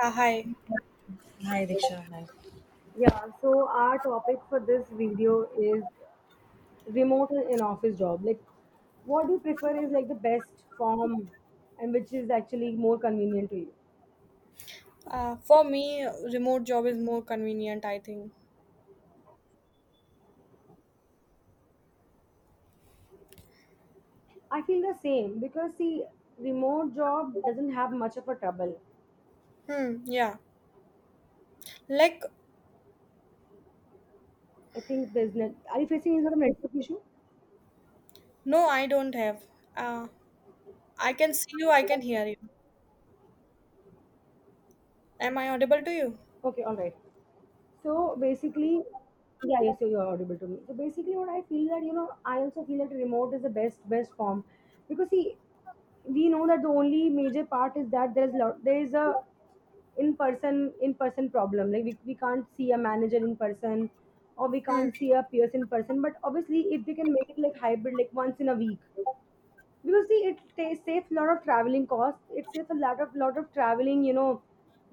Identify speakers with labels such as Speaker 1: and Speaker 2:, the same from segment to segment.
Speaker 1: Yeah, hi.
Speaker 2: Hi, Diksha. Hi. Yeah, so our topic for this video is remote and in office job. Like, what do you prefer is like the best form, and which is actually more convenient to you?
Speaker 1: For me, remote job is more convenient, I think.
Speaker 2: I feel the same because see, remote job doesn't have much of a trouble.
Speaker 1: Hmm, yeah. Like,
Speaker 2: I think there's net. Are you facing any sort of network issue?
Speaker 1: no, I don't have. Uh, I can see you, I can hear you. Am I audible to you?
Speaker 2: Okay, all right. So basically, yeah, yes, you're audible to me. So basically, what I feel that I also feel that remote is the best form because see, we know that the only major part is that there's lot. There is a in person problem. Like we can't see a manager in person or we
Speaker 1: Hmm,
Speaker 2: can't see a peers in person, but obviously if they can make it like hybrid, like once in a week. Because see, it saves a lot of traveling costs. It saves a lot of traveling, you know,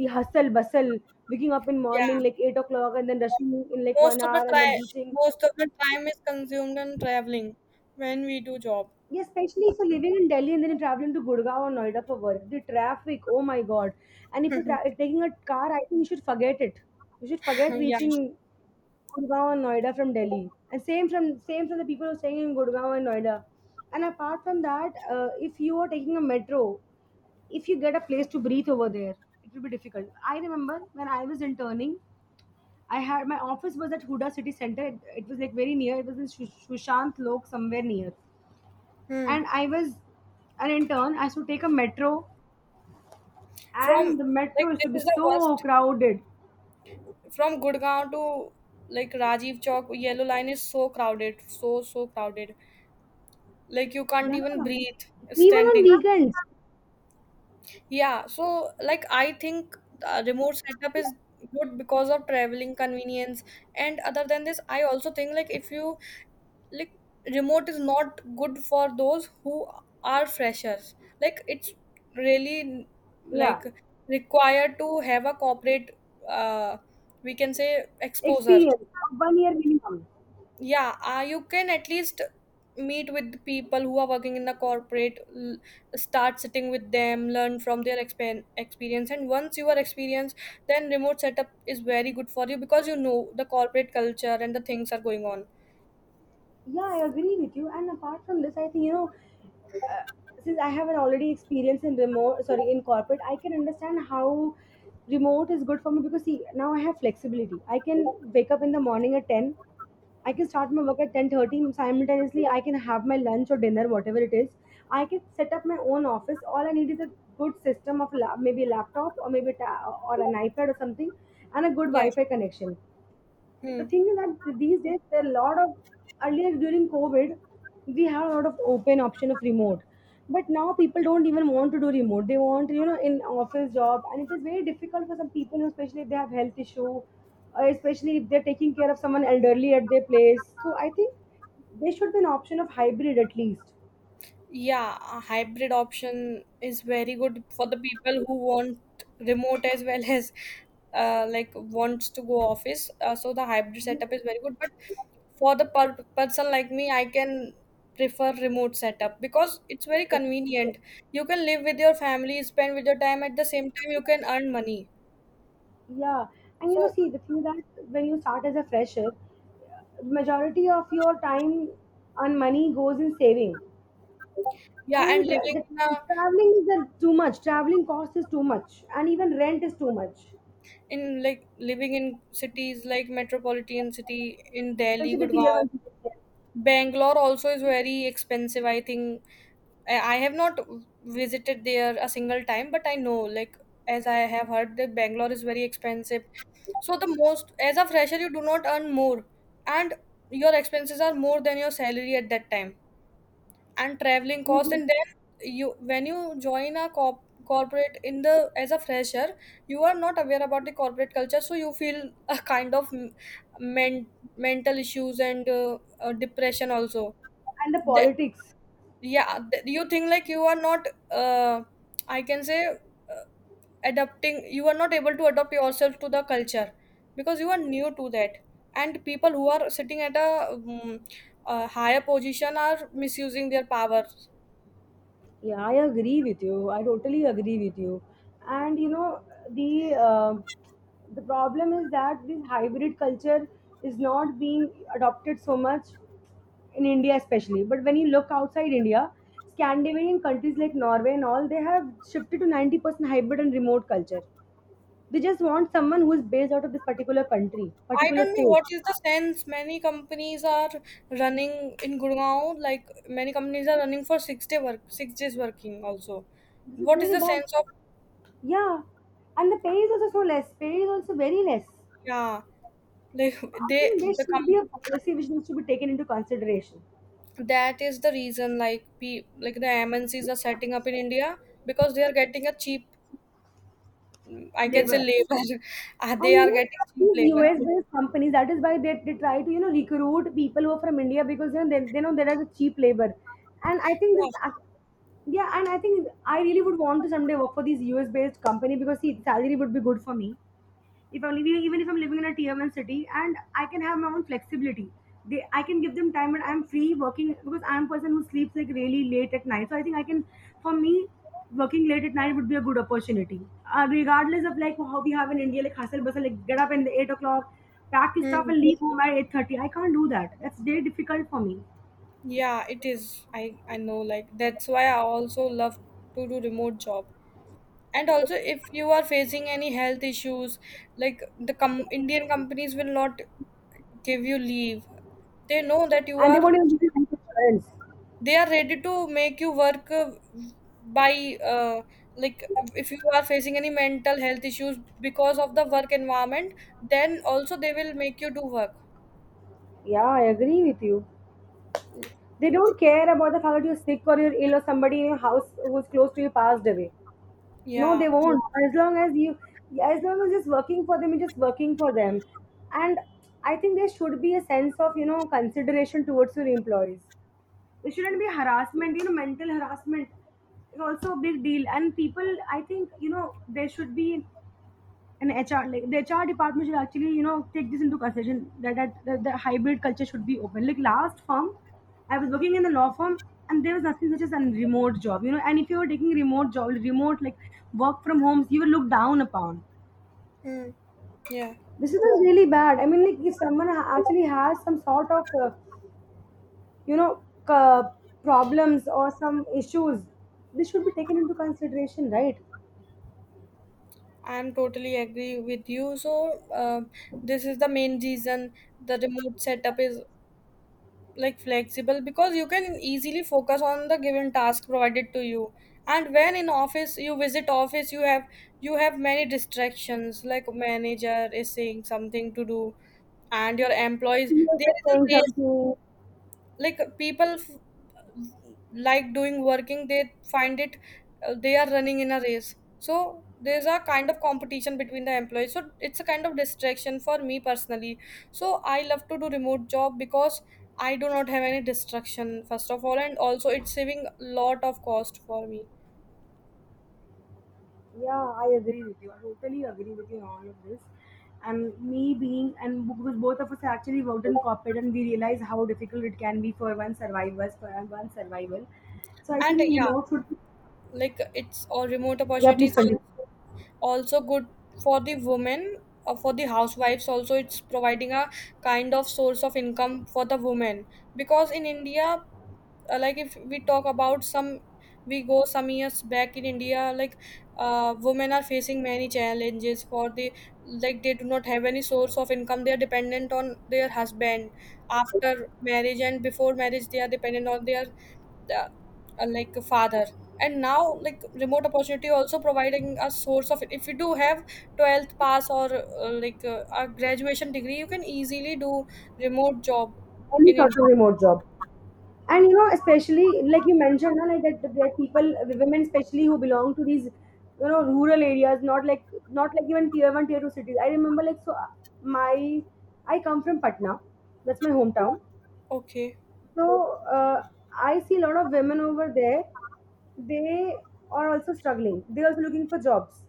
Speaker 2: the hustle bustle, waking up in
Speaker 1: yeah.
Speaker 2: morning like 8 o'clock and then rushing in like one
Speaker 1: Most of the
Speaker 2: hour and then
Speaker 1: tri-
Speaker 2: reaching.
Speaker 1: Most of the time is consumed in traveling when we do job.
Speaker 2: Yeah, especially if you're living in Delhi and then you're traveling to Gurgaon or Noida for work, the traffic, oh my god. And if you're if taking a car, I think you should forget it. You should forget
Speaker 1: Yeah.
Speaker 2: reaching Gurgaon or Noida from Delhi. And same from the people who are staying in Gurgaon and Noida. And apart from that, if you are taking a metro, if you get a place to breathe over there, it will be difficult. I remember when I was interning, I had my office was at Huda City Center. It was like very near. It was in Sushant Lok somewhere near,
Speaker 1: Hmm.
Speaker 2: and I was an intern. I used to take a metro,
Speaker 1: From
Speaker 2: and the
Speaker 1: Like,
Speaker 2: metro used to be
Speaker 1: this is the
Speaker 2: so
Speaker 1: worst.
Speaker 2: crowded.
Speaker 1: From Gurgaon to like Rajiv Chowk, yellow line is so crowded, so crowded. Like, you can't
Speaker 2: Yeah.
Speaker 1: even breathe
Speaker 2: Even on
Speaker 1: standing.
Speaker 2: weekends.
Speaker 1: Yeah, so like I think remote setup is good because of traveling convenience. And other than this, I also think like if you, like, remote is not good for those who are freshers. Like, it's really,
Speaker 2: Yeah,
Speaker 1: like, required to have a corporate, uh we can say, exposure.
Speaker 2: experience of 1 year minimum.
Speaker 1: Yeah. You can at least meet with the people who are working in the corporate start sitting with them, learn from their experience. And once you are experienced, then remote setup is very good for you because you know the corporate culture and the things are going on.
Speaker 2: Yeah, I agree with you. And apart from this, I think, you know, uh, since I have an already experience in remote, sorry, in corporate, I can understand how remote is good for me because see, now I have flexibility. I can wake up in the morning at 10. I can start my work at 10:30. Simultaneously I can have my lunch or dinner, whatever it is. I can set up my own office. All I need is a good system of maybe a laptop, or maybe a or an iPad or something, and a good
Speaker 1: Yeah.
Speaker 2: Wi-Fi connection. The
Speaker 1: Hmm.
Speaker 2: thing is that these days there are a lot of, earlier during covid we had a lot of open option of remote, but now people don't even want to do remote. They want, you know, in office job, and it is very difficult for some people, especially if they have health issue, especially if they're taking care of someone elderly at their place. So I think there should be an option of hybrid at least.
Speaker 1: Yeah, a hybrid option is very good for the people who want remote as well as like wants to go office. So the hybrid setup
Speaker 2: Yeah.
Speaker 1: is very good. But for the person like me, I can prefer remote setup because it's very convenient. You can live with your family, spend with your time at the same time you can earn money.
Speaker 2: Yeah. And you know,
Speaker 1: So
Speaker 2: see the thing that when you start as a fresher, majority of your time and money goes in saving.
Speaker 1: yeah, and
Speaker 2: And tra-
Speaker 1: living
Speaker 2: the
Speaker 1: in a
Speaker 2: traveling is too much. Traveling cost is too much, and even rent is too much,
Speaker 1: in like living in cities like metropolitan city in Delhi,
Speaker 2: especially the tier
Speaker 1: Gurgaon,
Speaker 2: one cities,
Speaker 1: Bangalore also is very expensive. I think I have not visited there a single time, but I know, like, as I have heard, that Bangalore is very expensive. So the most, as a fresher, you do not earn more, and your expenses are more than your salary at that time, and traveling cost. And then you, when you join a corporate in the as a fresher, you are not aware about the corporate culture, so you feel a kind of men, mental issues and depression also.
Speaker 2: and the
Speaker 1: That
Speaker 2: politics.
Speaker 1: Yeah, that you think like you are not I can say adapting you are not able to adapt yourself to the culture because you are new to that. And people who are sitting at a higher position are misusing their power.
Speaker 2: Yeah, I agree with you. I totally agree with you. And you know, the uh, the problem is that this hybrid culture is not being adopted so much in India, especially. But when you look outside India, Scandinavian countries like Norway and all, they have shifted to 90% hybrid and remote culture. They just want someone who is based out of this particular country,
Speaker 1: I
Speaker 2: particular
Speaker 1: don't know
Speaker 2: state.
Speaker 1: what is the sense. Many companies are running in Gurgaon, like many companies are running for 6-day work, 6 days working also.
Speaker 2: This is
Speaker 1: What is
Speaker 2: really
Speaker 1: the
Speaker 2: bad.
Speaker 1: sense of...
Speaker 2: Yeah. And the pay is also so less. Pay is also very less.
Speaker 1: yeah, like,
Speaker 2: I
Speaker 1: they
Speaker 2: think there
Speaker 1: the
Speaker 2: should
Speaker 1: com-
Speaker 2: be a policy which needs to be taken into consideration.
Speaker 1: that is the reason, like like the MNCs are setting up in India because they are getting a cheap, I can say,
Speaker 2: Labor.
Speaker 1: labor. They
Speaker 2: And you
Speaker 1: are
Speaker 2: know,
Speaker 1: getting cheap
Speaker 2: these
Speaker 1: labor.
Speaker 2: US based companies, that is why they try to, you know, recruit people who are from India because you know they know there is a cheap labor. And I think this,
Speaker 1: Yeah.
Speaker 2: yeah, and I think I really would want to someday work for these US based company because see salary would be good for me. If I'm living, even if I'm living in a tier one city, and I can have my own flexibility. They, I can give them time, and I'm free working because I'm a person who sleeps like really late at night. So I think I can, for me, working late at night would be a good opportunity, regardless of like how we have in India, like hustle bustle, like get up in 8 o'clock, pack your stuff,
Speaker 1: Hmm.
Speaker 2: and leave home at 8:30. I can't do that. That's very difficult for me.
Speaker 1: Yeah, it is. I know, like, that's why I also love to do remote job. And also, if you are facing any health issues, like the Indian companies will not give you leave. They know that you
Speaker 2: And they
Speaker 1: are,
Speaker 2: won't even give you health insurance.
Speaker 1: they are ready to make you work, by like, if you are facing any mental health issues because of the work environment, then also they will make you do work.
Speaker 2: Yeah, I agree with you. They don't care about the fact that you're sick or you're ill or somebody in your house who's close to you passed away. No, they
Speaker 1: Yeah.
Speaker 2: won't. As long as it's working for them, it's just working for them. And I think there should be a sense of, you know, consideration towards your employees. There shouldn't be harassment. You know, mental harassment is also a big deal. And people, I think, you know, there should be, and HR, like the HR department should actually, you know, take this into consideration that, that the hybrid culture should be open. Like last firm, I was working in the law firm, and there was nothing such as a remote job, you know, and if you were taking remote job, remote like work from homes, you were looked down upon.
Speaker 1: Hmm. Yeah,
Speaker 2: This is really bad. I mean, like if someone actually has some sort of, you know, problems or some issues, this should be taken into consideers
Speaker 1: I'm totally agree with you. So uh, this is the main reason the remote setup is, like, flexible because you can easily focus on the given task provided to you. And when in office you visit office, you have many distractions, like manager is saying something to do and your employees,
Speaker 2: are
Speaker 1: there is a
Speaker 2: saying
Speaker 1: race,
Speaker 2: something.
Speaker 1: like people like doing working they find it, they are running in a race, so there's a kind of competition between the employees, so it's a kind of distraction for me personally. So I love to do remote job because I do not have any distraction first of all, and also it's saving lot of cost for me.
Speaker 2: Yeah, I agree with you. I totally agree with you on all of this. And me being, and because both of us actually worked in corporate, and we realize how difficult it can be for one survivors, for one survival. So I
Speaker 1: And
Speaker 2: think
Speaker 1: yeah,
Speaker 2: remote should be.
Speaker 1: like, it's all remote
Speaker 2: Yeah, please
Speaker 1: opportunities
Speaker 2: continue.
Speaker 1: also good for the women, for the housewives also. It's providing a kind of source of income for the women because in India, like, if we talk about some, we go some years back in India, like, women are facing many challenges for the, like, they do not have any source of income, they are dependent on their husband after marriage, and before marriage they are dependent on their, the, like, father. And now, like, remote opportunity also providing a source of, if you do have 12th pass or like, a graduation degree, you can easily do remote job
Speaker 2: Any
Speaker 1: in
Speaker 2: sort of
Speaker 1: India.
Speaker 2: remote job. And you know, especially like you mentioned, na, like that, that people, women especially who belong to these, you know, rural areas, not like even tier one, tier two cities. I remember like so, my, I come from Patna, that's my hometown.
Speaker 1: Okay.
Speaker 2: So I see a lot of women over there. They are also struggling. They're also looking for jobs.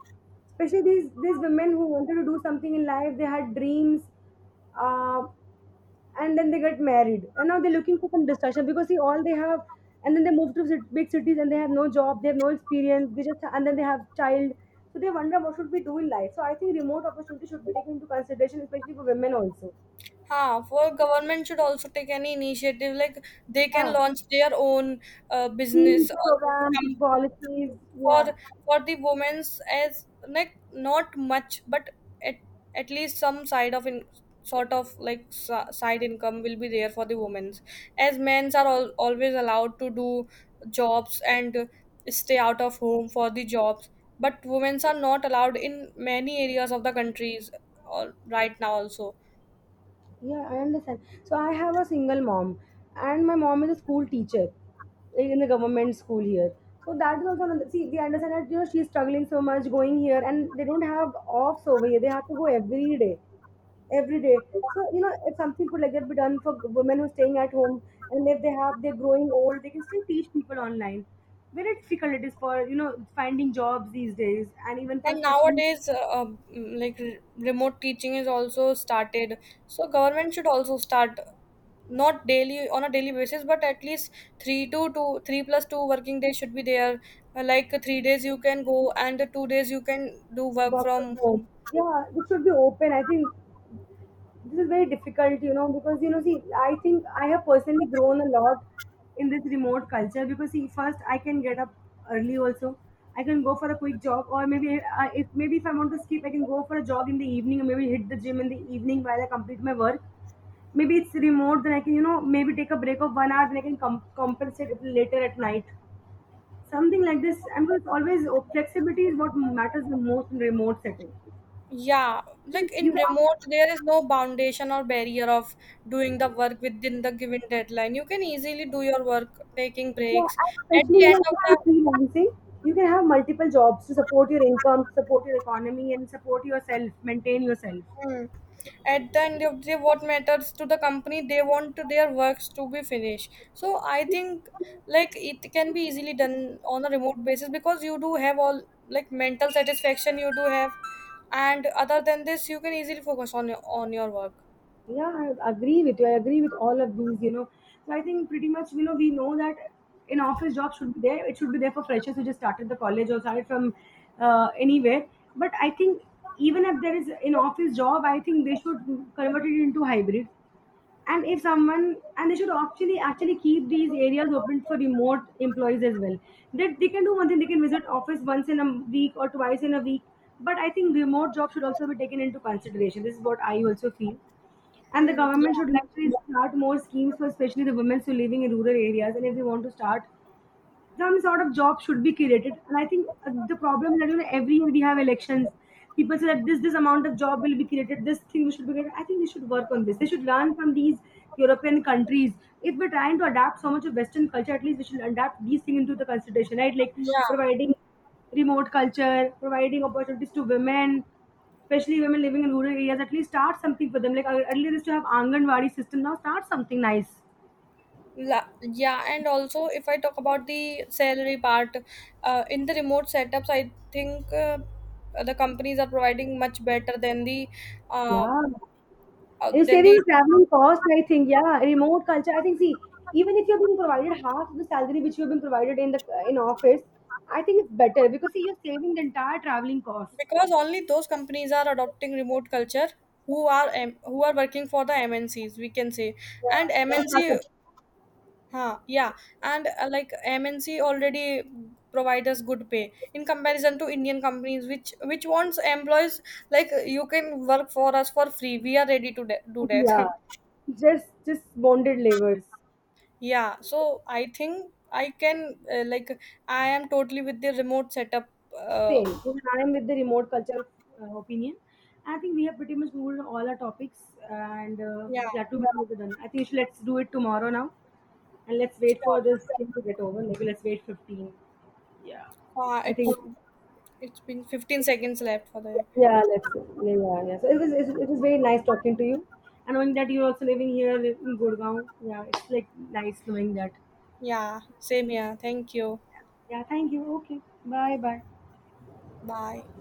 Speaker 2: Especially these women who wanted to do something in life. They had dreams, uh, and then they get married, and now they're looking for some distraction because see all they have, and then they move to big cities and they have no job, they have no experience. They just, and then they have child. So they wonder what should we do in life. So I think remote opportunity should be taken into consideration, especially for women also.
Speaker 1: Huh, well, government should also take any initiative. Like, they
Speaker 2: Yeah,
Speaker 1: can launch their own
Speaker 2: schemes,
Speaker 1: business or
Speaker 2: programs,
Speaker 1: company
Speaker 2: policies.
Speaker 1: for
Speaker 2: Yeah.
Speaker 1: the women's, as like, not much, but at at least some side of, in sort of like, side income will be there for the women's. As men's are always allowed to do jobs and stay out of home for the jobs, but women's are not allowed in many areas of the countries, all right, now also.
Speaker 2: Yeah, I understand. So I have a single mom, and my mom is a school teacher, like in the government school here. So that is also another. See, we understand that you know she's struggling so much going here, and they don't have offs over here. They have to go every day, every day. So you know, if something could like that be done for women who are staying at home, and if they have, they're growing old, they can still teach people online. Very difficult it is for you know finding jobs these days, and even for
Speaker 1: And
Speaker 2: especially
Speaker 1: nowadays, like, remote teaching is also started. So government should also start, not daily on a daily basis, but at least three to two, three plus two working days should be there. Like, 3 days you can go, and the 2 days you can do work
Speaker 2: work from
Speaker 1: from
Speaker 2: home.
Speaker 1: home.
Speaker 2: Yeah, it should be open. I think this is very difficult, you know, because you know, see, I think I have personally grown a lot in this remote culture because see, first I can get up early also. I can go for a quick jog, or maybe I, if maybe if I want to skip, I can go for a jog in the evening, or maybe hit the gym in the evening while I complete my work. Maybe it's remote, then I can you know maybe take a break of 1 hour, then I can compensate it later at night. Something like this. I'm just always oh, flexibility is what matters the most in remote setting.
Speaker 1: Yeah, like
Speaker 2: You
Speaker 1: in
Speaker 2: can.
Speaker 1: remote, there is no foundation or barrier of doing the work within the given deadline. You can easily do your work, taking
Speaker 2: Yeah,
Speaker 1: breaks.
Speaker 2: and
Speaker 1: At
Speaker 2: especially,
Speaker 1: the
Speaker 2: you
Speaker 1: end
Speaker 2: know,
Speaker 1: of
Speaker 2: if you're
Speaker 1: the
Speaker 2: freelancing, you can have multiple jobs to support your income, support your economy, and support yourself, maintain yourself.
Speaker 1: Mm. At the end of the day, what matters to the company, they want their works to be finished. So I think like it can be easily done on a remote basis because you do have all, like, mental satisfaction you do have, and other than this, you can easily focus on your work.
Speaker 2: Yeah, I agree with you. I agree with all of these, you know. So I think pretty much, you know, we know that an office job should be there. It should be there for freshers who just started the college or started from anywhere. But I think even if there is an office job, I think they should convert it into hybrid, and if someone, and they should actually keep these areas open for remote employees as well, that they can do one thing: they can visit office once in a week or twice in a week. But I think remote jobs should also be taken into consideration. This is what I also feel. And the
Speaker 1: Hmm.
Speaker 2: government
Speaker 1: Yeah.
Speaker 2: should actually start more schemes for especially the women who are living in rural areas, and if they want to start some sort of job should be created. And I think the problem that you know every year we have elections. People say that this amount of job will be created, this thing should be created. I think they should work on this. They should learn from these European countries. If we're trying to adapt so much of western culture, at least we should adapt these things into the consideration, right? Like
Speaker 1: Yeah.
Speaker 2: providing remote culture, providing opportunities to women, especially women living in rural areas, at least start something for them, like earlier used to have anganwadi system. Now start something nice.
Speaker 1: Yeah. And also, if I talk about the salary part, in the remote setups, I think the companies are providing much better than the, uh,
Speaker 2: Yeah, you're
Speaker 1: than
Speaker 2: saving
Speaker 1: the...
Speaker 2: on traveling cost, I think. Yeah, remote culture. I think. See, even if you're being provided half the salary which you've been provided in the in office, I think it's better because see, you're saving the entire traveling cost.
Speaker 1: Because only those companies are adopting remote culture who are working for the MNCs, we can say.
Speaker 2: Yeah,
Speaker 1: And
Speaker 2: and startup.
Speaker 1: MNC, huh, yeah, and like, MNC already provide us good pay in comparison to Indian companies, which wants employees, like, you can work for us for free. We are ready to do that.
Speaker 2: Yeah, just bonded labors.
Speaker 1: Yeah, so I think I can like I am totally with the remote setup. Uh,
Speaker 2: Same. Even I am with the remote culture opinion. I think we have pretty much moved on all our topics, and
Speaker 1: yeah,
Speaker 2: yeah, too bad we're done. I think we should- let's do it tomorrow now, and let's wait for
Speaker 1: sure.
Speaker 2: this thing to get over. Maybe let's wait 15. I think.
Speaker 1: It's been 15 seconds left for the...
Speaker 2: Yeah, let's. Yeah, yeah, yeah. So it was very nice talking to you, and knowing that you're also living here in Gurgaon. Yeah, it's like nice knowing that.
Speaker 1: Yeah, same here. Thank you.
Speaker 2: Yeah, thank you. Okay, bye, bye.
Speaker 1: Bye.